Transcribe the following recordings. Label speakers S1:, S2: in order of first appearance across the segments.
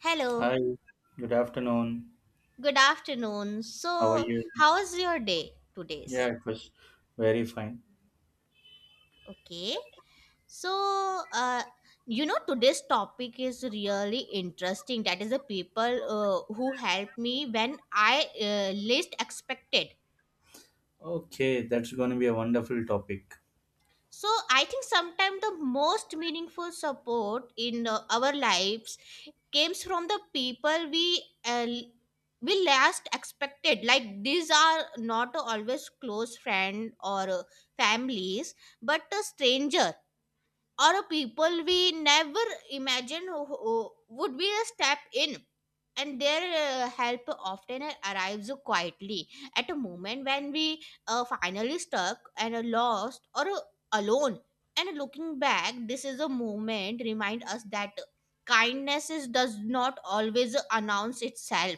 S1: Hello,
S2: Hi, good afternoon.
S1: good afternoon.
S2: How are
S1: So,
S2: you?
S1: how is your day
S2: Yeah,
S1: today's?
S2: it was very fine.
S1: Okay. So, uh, you know, today's topic is really interesting. That is the people who helped me when I least expected.
S2: Okay, that's going to be a wonderful topic.
S1: So, I think sometimes the most meaningful support in our lives comes from the people uh, we last expected, like these are not always close friend or families, but a stranger or a people we never imagined who would be a step in, and their help often arrives quietly at a moment when we are finally stuck and are lost or alone. And looking back, this is a moment remind us that kindness is, does not always announce itself.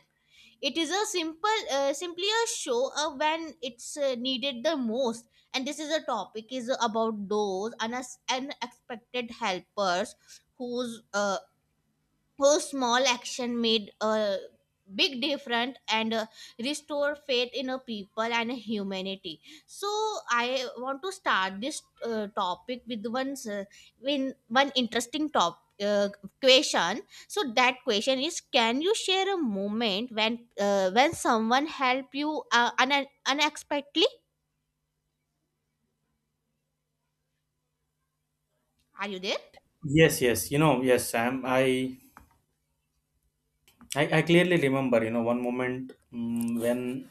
S1: It is a simple simply a show when it's needed the most. And this is a topic is about those unexpected helpers whose uh, whose small action made a big difference and restore faith in a people and humanity. So I want to start this topic with one in one interesting top question. So that question is, can you share a moment when someone helped you unexpectedly? Are you there?
S2: Yes. You know, yes, Sam, I clearly remember, you know, one moment when,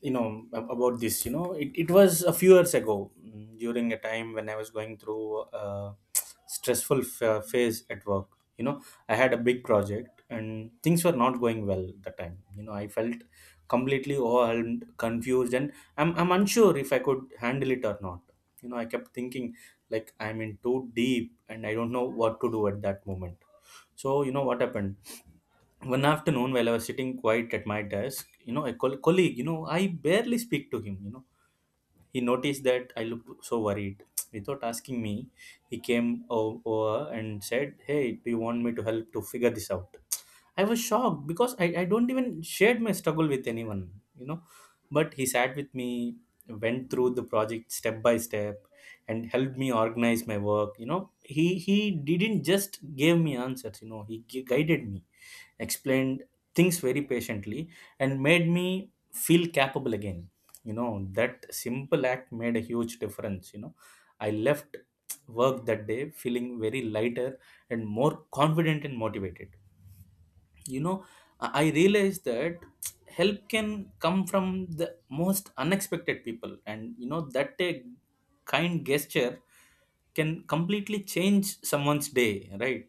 S2: you know, about this, you know, it was a few years ago, during a time when I was going through a stressful phase at work. You know, I had a big project and things were not going well at the time. You know, I felt completely overwhelmed, confused, and I'm unsure if I could handle it or not. You know, I kept thinking like I'm in too deep and I don't know what to do at that moment. So, you know, what happened? One afternoon while I was sitting quiet at my desk, you know, a colleague, you know, I barely speak to him, you know, he noticed that I looked so worried without asking me. He came over and said, "Hey, do you want me to help to figure this out?" I was shocked because I don't even shared my struggle with anyone, you know. But he sat with me, went through the project step by step, and helped me organize my work. You know, he didn't just give me answers. You know, he guided me, explained things very patiently, and made me feel capable again. You know, that simple act made a huge difference. You know, I left work that day feeling very lighter and more confident and motivated. You know, I realized that help can come from the most unexpected people. And you know that a kind gesture can completely change someone's day, right?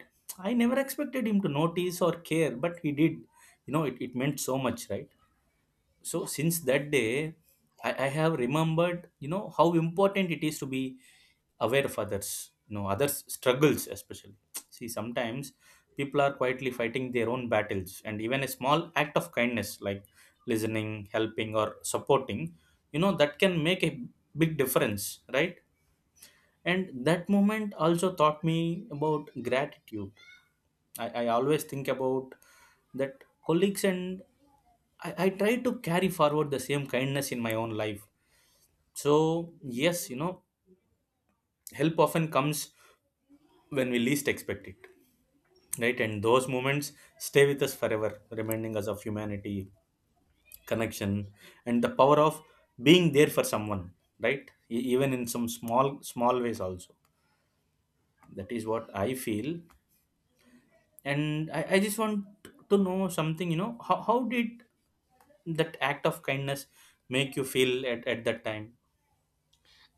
S2: I never expected him to notice or care, but he did. You know, it meant so much, right? So
S1: Yeah.
S2: since that day, I have remembered, you know, how important it is to be aware of others, you know, others' struggles, especially. See, sometimes people are quietly fighting their own battles, and even a small act of kindness, like listening, helping, or supporting, you know, that can make a big difference, right? And that moment also taught me about gratitude. I always think about that colleagues, and I try to carry forward the same kindness in my own life. So yes, you know, help often comes when we least expect it, right? And those moments stay with us forever, reminding us of humanity, connection, and the power of being there for someone, right? Even in some small small ways also, that is what I feel. And I just want to know something. You know, how did that act of kindness make you feel at that time?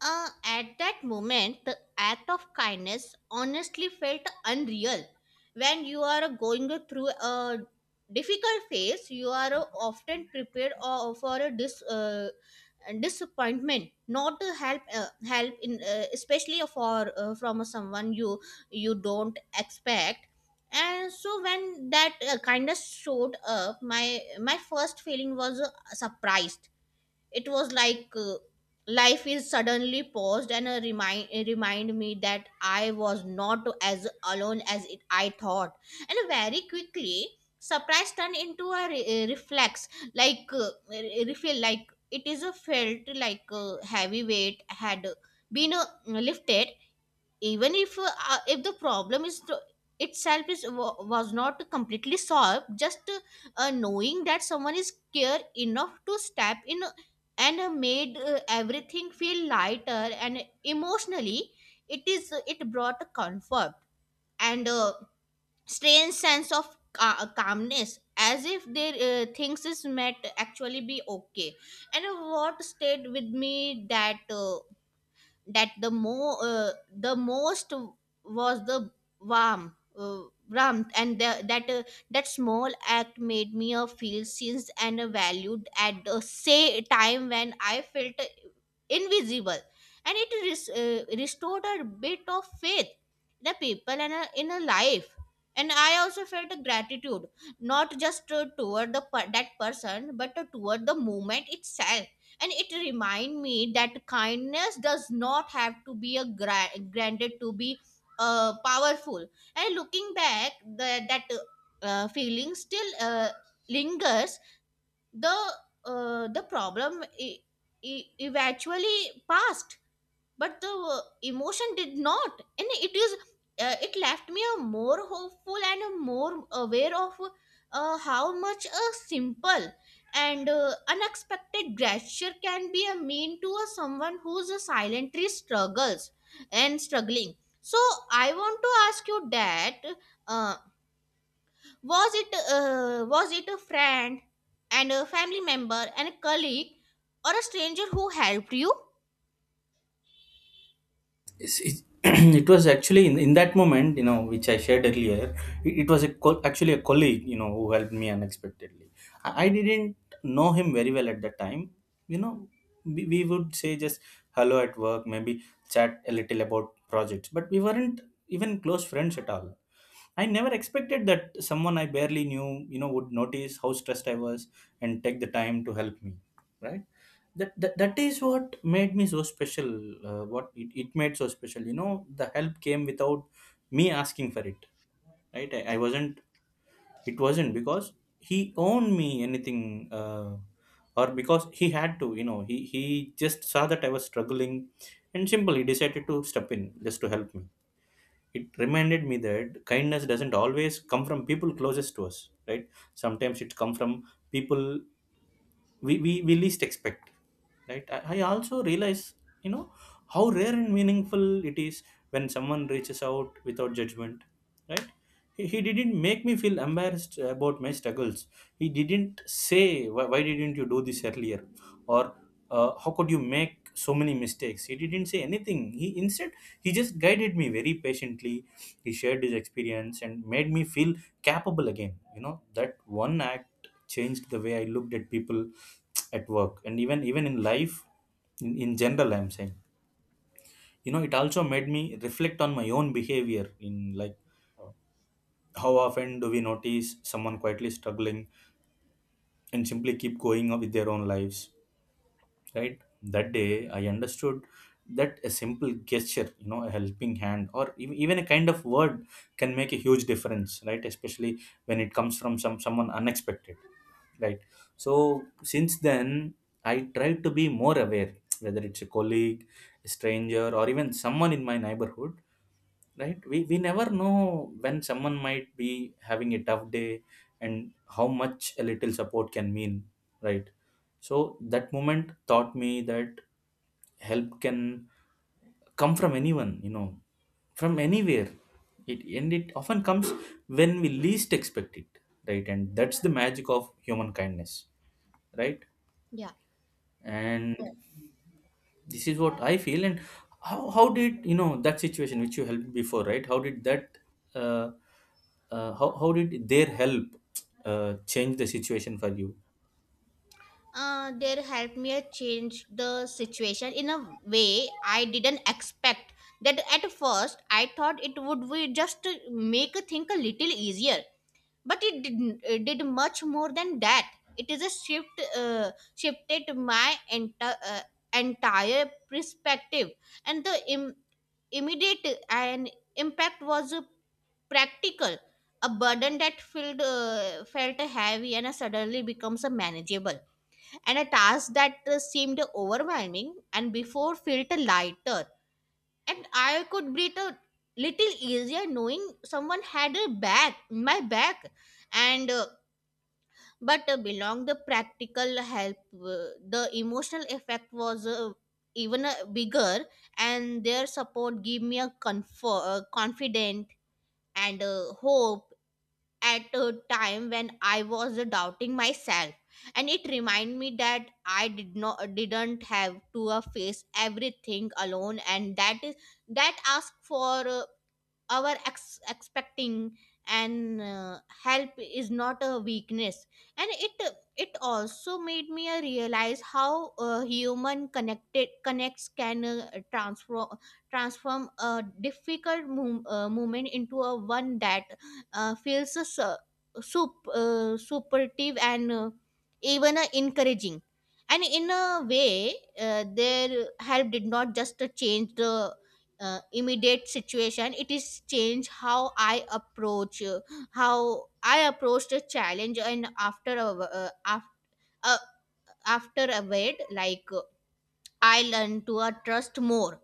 S1: At that moment, the act of kindness honestly felt unreal. When you are going through a difficult phase, you are often prepared for a disappointment, not to help help in especially for from someone you don't expect. And so when that kindness showed up, my first feeling was surprised. It was like life is suddenly paused and remind me that I was not as alone as it, I thought. And very quickly, surprise turned into a reflex, like refill, like it is a felt like a heavy weight had been lifted, even if the problem is to, itself is was not completely solved. Just knowing that someone is care enough to step in and made everything feel lighter, and emotionally it is it brought a comfort and a strange sense of calmness, as if their things is met actually be okay. And what stayed with me that the most was the warm uh, warmth and the, that that small act made me feel seen and valued at the same time when I felt invisible. And it restored a bit of faith in the people and in a life. And I also felt a gratitude, not just that person, but toward the movement itself. And it remind me that kindness does not have to be a granted to be powerful. And looking back, the, that feeling still lingers. The the problem eventually passed, but the emotion did not. And it is it left me a more hopeful and a more aware of how much a simple and unexpected gesture can be a mean to a someone who's a silently struggles and struggling. So I want to ask you that, uh, was it a friend and a family member and a colleague or a stranger who helped you?
S2: It's- it's- it was actually in that moment, you know, which I shared earlier, it was a actually a colleague, you know, who helped me unexpectedly. I didn't know him very well at that time, you know. We would say just hello at work, maybe chat a little about projects, but we weren't even close friends at all. I never expected that someone I barely knew, you know, would notice how stressed I was and take the time to help me. Right? That is what made me so special. What it made so special. You know, the help came without me asking for it. Right? I wasn't. It wasn't because he owned me anything, or because he had to. You know, he just saw that I was struggling, and simply decided to step in just to help me. It reminded me that kindness doesn't always come from people closest to us, right? Sometimes it comes from people we least expect, right? I also realize, you know, how rare and meaningful it is when someone reaches out without judgment, right? He didn't make me feel embarrassed about my struggles. He didn't say, Why didn't you do this earlier?" Or, "uh, how could you make so many mistakes?" He didn't say anything. He instead, he just guided me very patiently. He shared his experience and made me feel capable again. You know, that one act changed the way I looked at people at work and even in life, in general I'm saying. You know, it also made me reflect on my own behavior in, like, how often do we notice someone quietly struggling and simply keep going on with their own lives, right? That day I understood that a simple gesture, you know, a helping hand or even a kind of word, can make a huge difference, right? Especially when it comes from someone unexpected, right? So since then, I try to be more aware, whether it's a colleague, a stranger, or even someone in my neighborhood, right? We never know when someone might be having a tough day, and how much a little support can mean, right? So that moment taught me that help can come from anyone, you know, from anywhere. It often comes when we least expect it, right? And that's the magic of human kindness, right?
S1: Yeah.
S2: And yeah, this is what I feel. And how did you know that situation which you helped before, right? How did that, uh, how did their help, change the situation for you?
S1: Uh, their helped me change the situation in a way I didn't expect. That at first I thought it would be just to make a thing a little easier, but it didn't. It did much more than that. It is a shift, shifted my entire perspective, and the immediate and impact was practical. A burden that felt heavy and suddenly becomes manageable, and a task that seemed overwhelming and before felt lighter. And I could breathe a little easier knowing someone had a back, my back. And but belong the practical help, the emotional effect was even bigger, and their support gave me a comfort, confident and hope at a time when I was doubting myself, and it reminded me that I did not didn't have to face everything alone, and that is that ask for. Our expecting and help is not a weakness. And it also made me realize how human connected connects can transform a difficult moment into a one that feels supportive and even encouraging. And in a way, their help did not just change the immediate situation, it is change how I approach the challenge. And uh, after a wait, like I learn to trust more,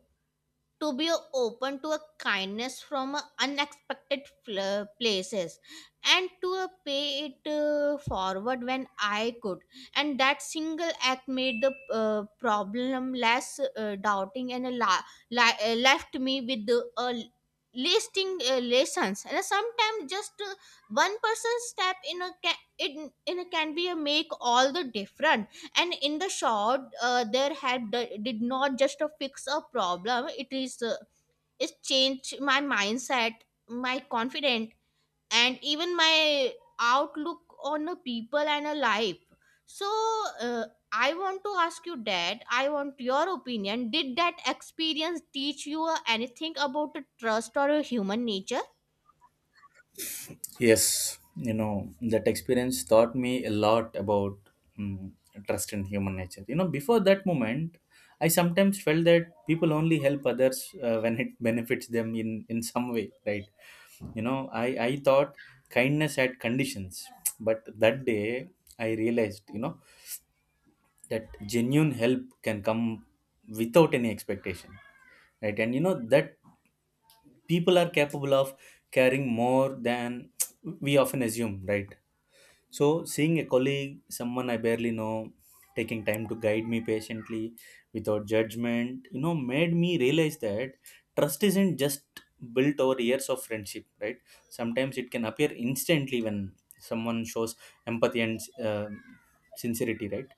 S1: to be open to a kindness from a unexpected places, and to a pay it forward when I could. And that single act made the problem less doubting and a left me with the listing lessons. And sometimes just one person step in a in a can be a make all the different. And in the short, their help did not just to fix a problem, it is it changed my mindset, my confidence, and even my outlook on the people and a life. So, uh, I want to ask you that, I want your opinion, did that experience teach you anything about the trust or a human nature?
S2: Yes, you know, that experience taught me a lot about, mm, trust in human nature. You know, before that moment, I sometimes felt that people only help others, when it benefits them in some way, right? You know, I thought kindness had conditions, but that day I realized, you know, that genuine help can come without any expectation, right? And you know, that people are capable of caring more than we often assume, right? So, seeing a colleague, someone I barely know, taking time to guide me patiently without judgment, you know, made me realize that trust isn't just built over years of friendship, right? Sometimes it can appear instantly when someone shows empathy and, sincerity, right?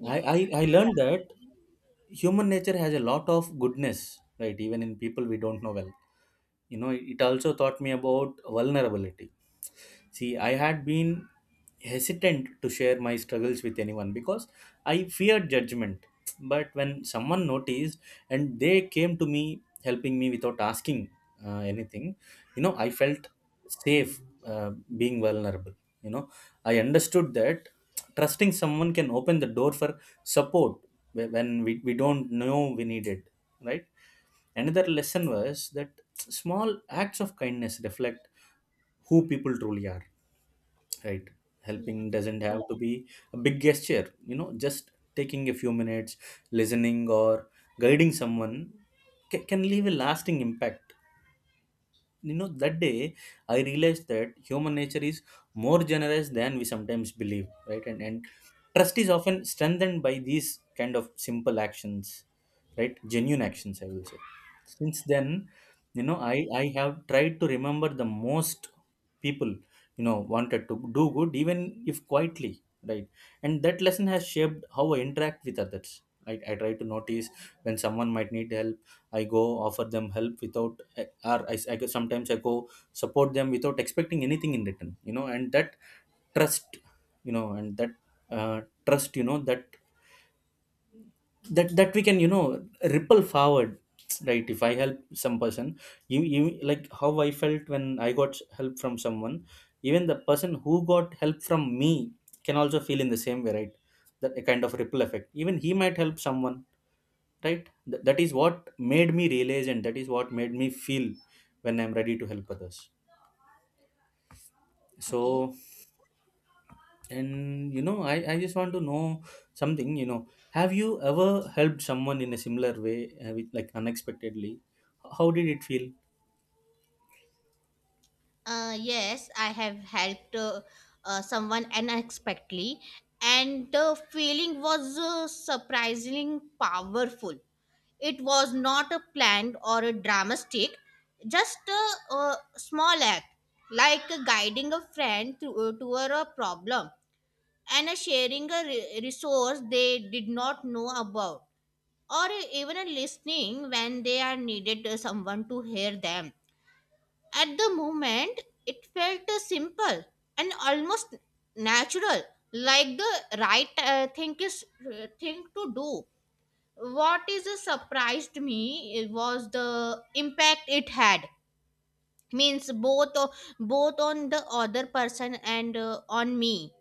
S1: Yeah.
S2: I, I learned that human nature has a lot of goodness, right? Even in people we don't know well. You know, it also taught me about vulnerability. See, I had been hesitant to share my struggles with anyone because I feared judgment. But when someone noticed and they came to me helping me without asking, anything, you know, I felt safe, being vulnerable. You know, I understood that trusting someone can open the door for support when we don't know we need it, right? Another lesson was that small acts of kindness reflect who people truly are, right?
S1: Yeah. Yeah.
S2: Helping doesn't have to be a big gesture, you know, just taking a few minutes listening or guiding someone can leave a lasting impact. You know, that day I realized that human nature is more generous than we sometimes believe, right? And trust is often strengthened by these kind of simple actions, right? Genuine actions, I will say. Since then, you know, I have tried to remember the most people, you know, wanted to do good even if quietly, right? And that lesson has shaped how I interact with others. I try to notice when someone might need help. I go offer them help without, I- or I, I go- sometimes I go support them without expecting anything in return, you know. And that trust, you know, and that, trust, you know, that that we can, you know, ripple forward, right? If I help some person, you like how I felt when I got help from someone, even the person who got help from me can also feel in the same way, right? That a kind of ripple effect. Even he might help someone, right? That is what made me realize, and that is what made me feel when I'm ready to help others.
S1: Okay.
S2: So, and you know, I just want to know something. You know, have you ever helped someone in a similar way, with, like, unexpectedly? How did it feel?
S1: Yes, I have helped someone unexpectedly, and the feeling was surprisingly powerful. It was not a planned or a dramatic, just a, small act, like guiding a friend through, toward a problem, and sharing a resource they did not know about, or even listening when they are needed someone to hear them. At the moment, it felt simple and almost natural, like the right thing to do. What is surprised me was the impact it had, means both on the other person and on me.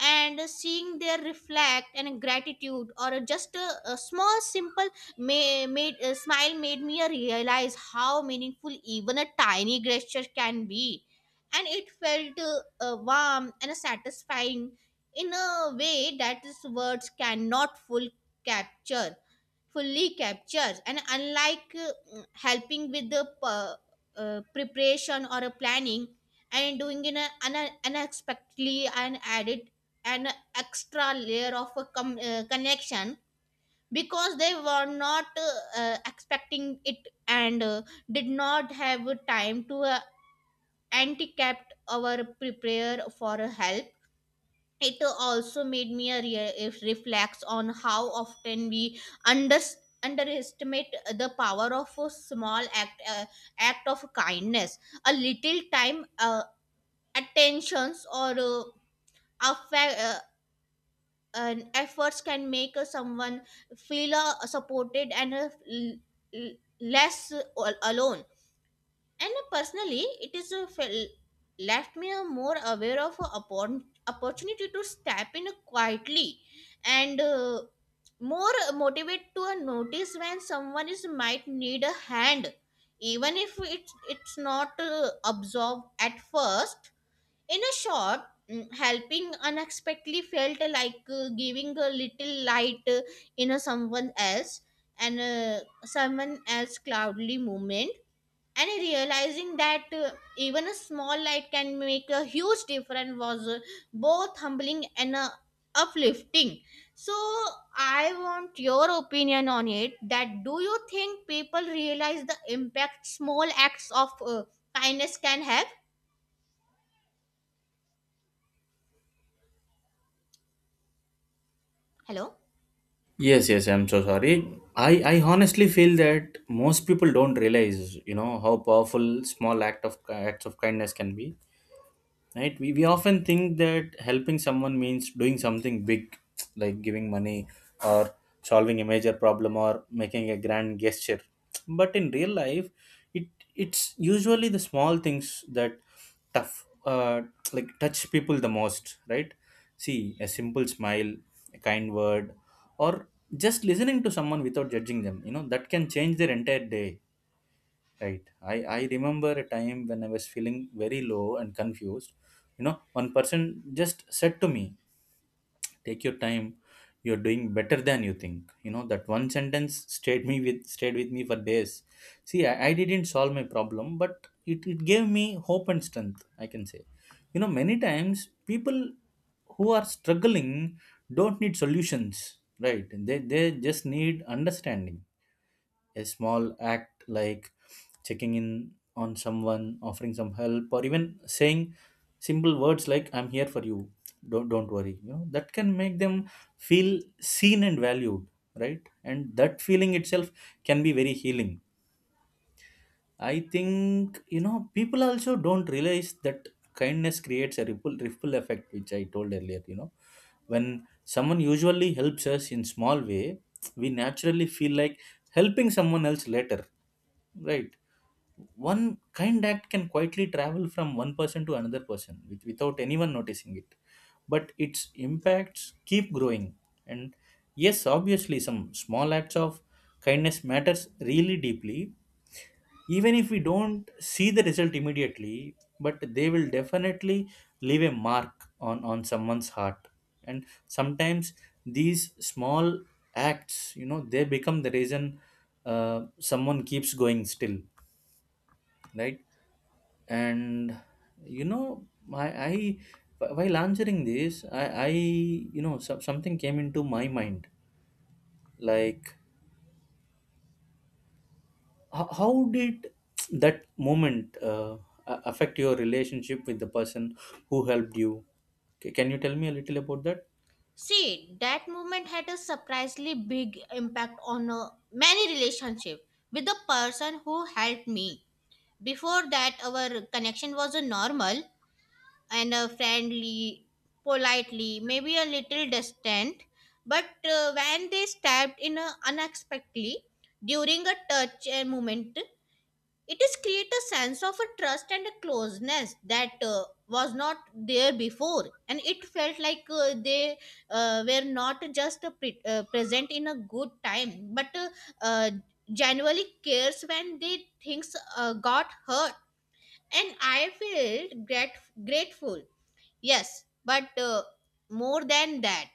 S1: And seeing their reflect and gratitude or just a small simple made a smile, made me realize how meaningful even a tiny gesture can be. And it felt warm and satisfying in a way that is words cannot capture fully captures. And unlike helping with the preparation or a planning and doing in a unexpectedly and added an extra layer of a connection, because they were not expecting it and did not have time to anti-capt our prepare for help. It also made me a re- if reflects on how often we under- underestimate the power of a small act act of kindness. A little time, attentions, or affa- uh, and efforts can make someone feel supported and l- less alone. And personally, it is a left me a more aware of a opportunity to step in quietly and more motivate to notice when someone is might need a hand, even if it's not absorbed at first. In a short, helping unexpectedly felt like giving a little light in a someone else and someone else cloudly moment. And realizing that even a small light can make a huge difference was both humbling and uplifting. So I want your opinion on it, that do you think people realize the impact small acts of kindness can have? Hello?
S2: Yes, yes, I'm so sorry. I honestly feel that most people don't realize, you know, how powerful small acts of kindness can be, right? We often think that helping someone means doing something big, like giving money, or solving a major problem, or making a grand gesture. But in real life, it, it's usually the small things that tough like touch people the most, right? See, a simple smile, a kind word, or just listening to someone without judging them, you know, that can change their entire day. Right. I remember a time when I was feeling very low and confused. You know, one person just said to me, take your time, you're doing better than you think. You know, that one sentence stayed with me for days. See, I didn't solve my problem, but it gave me hope and strength, I can say. You know, many times people who are struggling don't need solutions, right? They just need understanding. A small act like checking in on someone, offering some help, or even saying simple words like "I'm here for you. Don't worry." You know that can make them feel seen and valued, right? And that feeling itself can be very healing. I think, you know, people also don't realize that kindness creates a ripple effect, which I told earlier. You know, when someone usually helps us in small way, we naturally feel like helping someone else later, right? One kind act can quietly travel from one person to another person without anyone noticing it, but its impacts keep growing. And yes, obviously some small acts of kindness matters really deeply, even if we don't see the result immediately, but they will definitely leave a mark on someone's heart. And sometimes these small acts, you know, they become the reason someone keeps going still, right? And you know, I while answering this, I you know, something came into my mind, like how did that moment affect your relationship with the person who helped you? Can you tell me a little about that?
S1: See, that movement had a surprisingly big impact on many relationship with the person who helped me. Before that, our connection was normal and friendly, politely, maybe a little distant. But when they stabbed in a unexpectedly during a touch moment, it is create a sense of a trust and a closeness that was not there before. And it felt like they were not just pre- present in a good time, but uh, genuinely cares when they things got hurt. And I felt grateful. Yes, but more than that,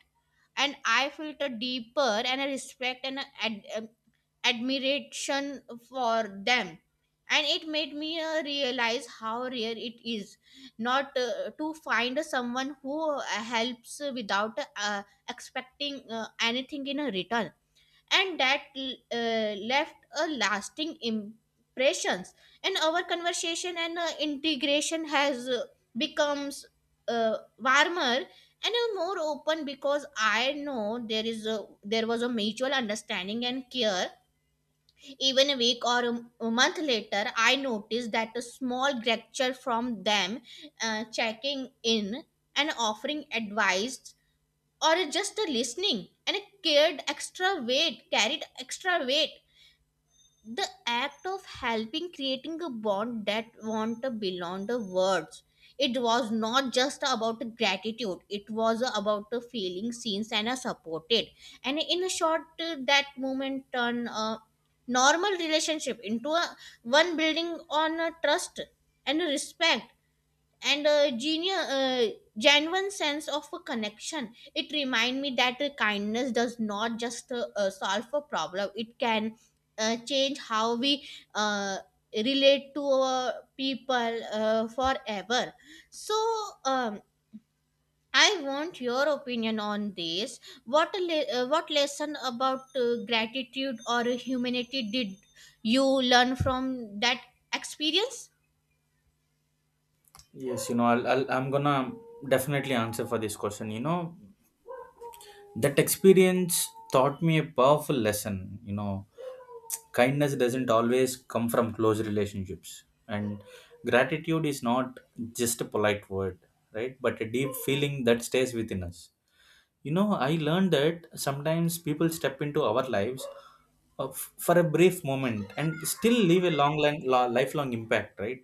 S1: and I felt a deeper and a respect and a admiration for them. And it made me realize how rare it is not to find someone who helps without expecting anything in a return, and that left a lasting impressions, and our conversation and integration has becomes warmer and more open because I know there was a mutual understanding and care. Even a week or a month later, I noticed that a small gesture from them, checking in and offering advice or just a listening and a cared extra weight carried extra weight. The act of helping creating a bond that want to beyond the words. It was not just about gratitude, it was about the feeling seen and supported, and in a short, that moment turned a normal relationship into a one building on a trust and a respect and genuine sense of a connection. It remind me that kindness does not just solve a problem; it can change how we uh, relate to our people forever. So. Um, I want your opinion on this. What lesson about gratitude or humanity did you learn from that experience?
S2: Yes, you know, I'm gonna definitely answer for this question. You know, that experience taught me a powerful lesson. You know, kindness doesn't always come from close relationships, and gratitude is not just a polite word, right, but a deep feeling that stays within us. You know, I learned that sometimes people step into our lives for a brief moment and still leave a lifelong impact, right?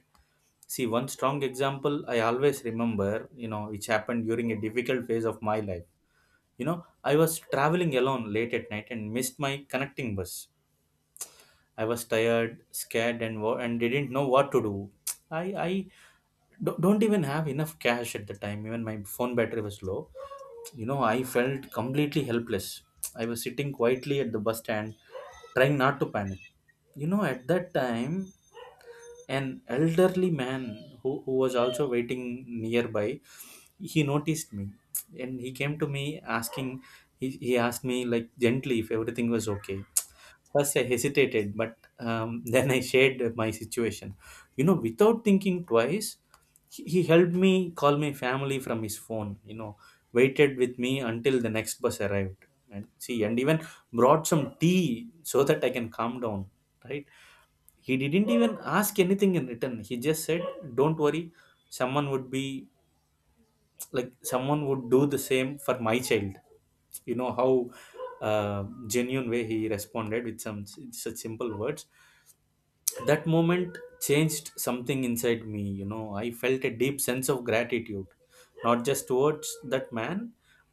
S2: See, one strong example I always remember, you know, which happened during a difficult phase of my life. You know, I was traveling alone late at night and missed my connecting bus. I was tired, scared, and didn't know what to do. I I don't even have enough cash at the time. Even my phone battery was low. You know, I felt completely helpless. I was sitting quietly at the bus stand, trying not to panic. You know, at that time, an elderly man who was also waiting nearby, he noticed me and he came to me asking, he asked me like gently if everything was okay. First, I hesitated, but then I shared my situation. You know, without thinking twice, he helped me call my family from his phone, you know, waited with me until the next bus arrived. And see, and even brought some tea so that I can calm down, right? He didn't even ask anything in return. He just said, don't worry, someone would be like, someone would do the same for my child. You know how genuine way he responded with such simple words. That moment changed something inside me. You know, I felt a deep sense of gratitude, not just towards that man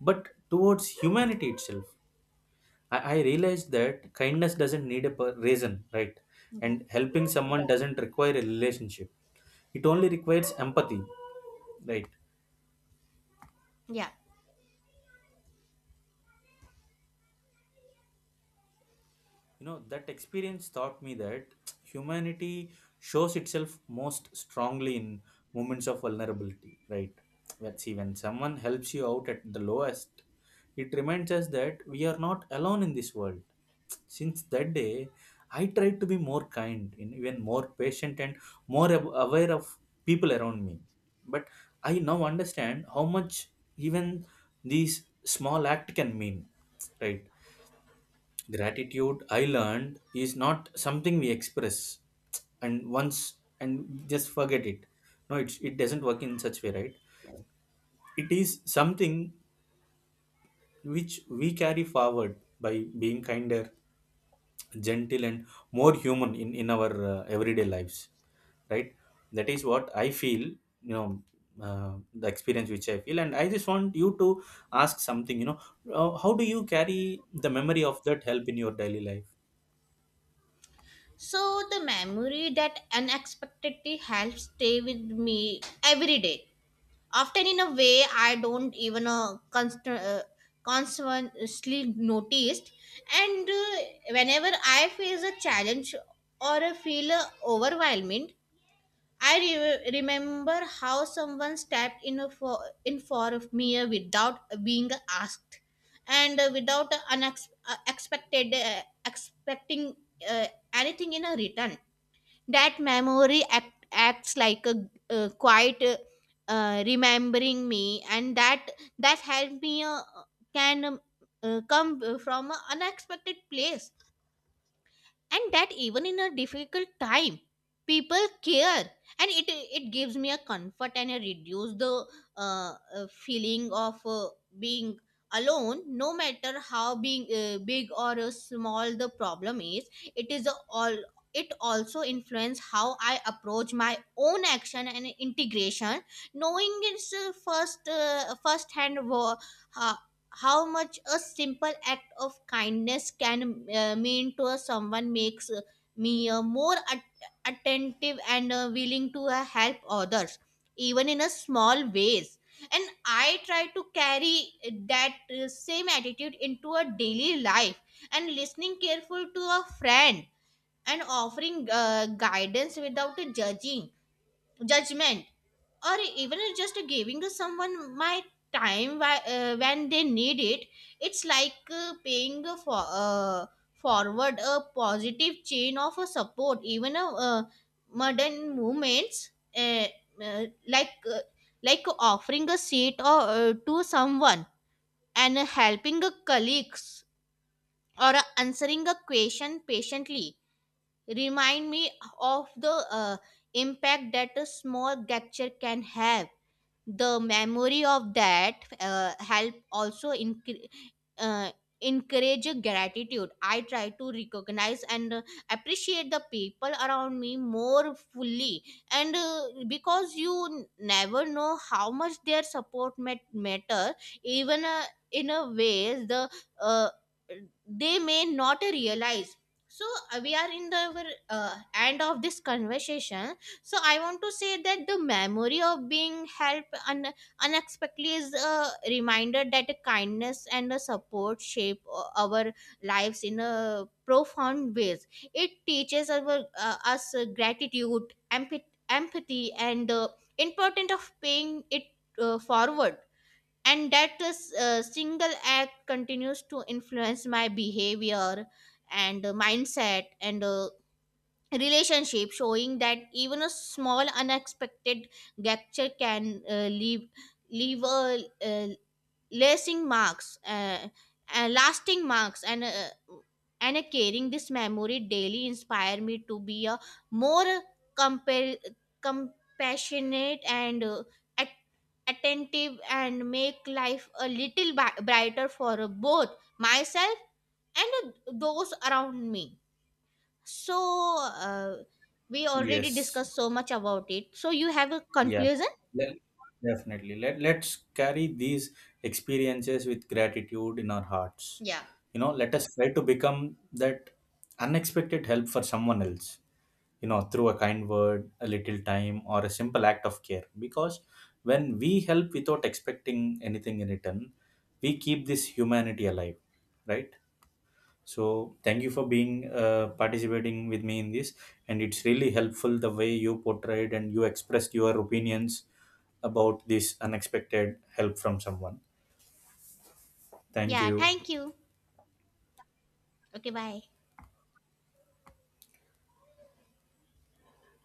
S2: but towards humanity itself. I realized that kindness doesn't need a reason, right?
S1: Yeah.
S2: And helping someone doesn't require a relationship, it only requires empathy, right?
S1: Yeah.
S2: You know, that experience taught me that humanity shows itself most strongly in moments of vulnerability, right? Let's see, when someone helps you out at the lowest, it reminds us that we are not alone in this world. Since that day, I tried to be more kind, and even more patient, and more aware of people around me. But I now understand how much even these small act can mean, right? Gratitude, I learned, is not something we express and once and just forget it. No, it's, it doesn't work in such way, right? It is something which we carry forward by being kinder, gentle and more human in our everyday lives, right? That is what I feel, you know, the experience which I feel, and I just want you to ask something, you know, how do you carry the memory of that help in your daily life?
S1: So the memory that unexpectedly helps stay with me every day. Often in a way I don't even consciously noticed. And whenever I face a challenge or a feel overwhelmed, I remember how someone stepped in a for in for of me without being asked, and without unexpected expecting anything in a return. That acts like a quiet, remembering me, and that that help me can come from an unexpected place, and that even in a difficult time people care, and it gives me a comfort, and I reduce the uh, feeling of being alone, no matter how being big or small the problem is. It is a all, it also influence how I approach my own action and integration, knowing its first hand uh, how much a simple act of kindness can mean to a someone makes me more attentive and willing to help others even in a small ways. And I try to carry that same attitude into a daily life, and listening careful to a friend, and offering guidance without judging judgment, or even just giving to someone my time when they need it. It's like paying for forward a positive chain of support, even a modern movements, uh, uh, like uh, like offering a seat or to someone, and helping a colleagues, or answering a question patiently, remind me of the uh, impact that a small gesture can have. The memory of that help also uh, encourage gratitude. I try to recognize and appreciate the people around me more fully, and because you never know how much their support matter, even in a ways the uh, they may not realize. So, we are in the end of this conversation. So I want to say that the memory of being helped unexpectedly is a reminder that kindness and a support shape our lives in a profound ways. It teaches us gratitude, empathy, and the importance of paying it forward, and that is, single act continues to influence my behavior and mindset and relationship, showing that even a small unexpected gesture can leave a uh, lasting marks, uh, lasting marks and uh, and carrying this memory daily inspire me to be a more compa- compassionate and at- attentive, and make life a little brighter for both myself and those around me. So, uh, we already
S2: Yes.
S1: discussed so much about it. So, you have a
S2: Yeah.
S1: conclusion?
S2: Le- Definitely. Let's carry these experiences with gratitude in our hearts.
S1: Yeah.
S2: You know, let us try to become that unexpected help for someone else, you know, through a kind word, a little time, or a simple act of care, because when we help without expecting anything in return, we keep this humanity alive, right? So thank you for being participating with me in this, and it's really helpful the way you portrayed and you expressed your opinions about this unexpected help from someone. Thank
S1: Yeah,
S2: you.
S1: thank you. Okay, bye.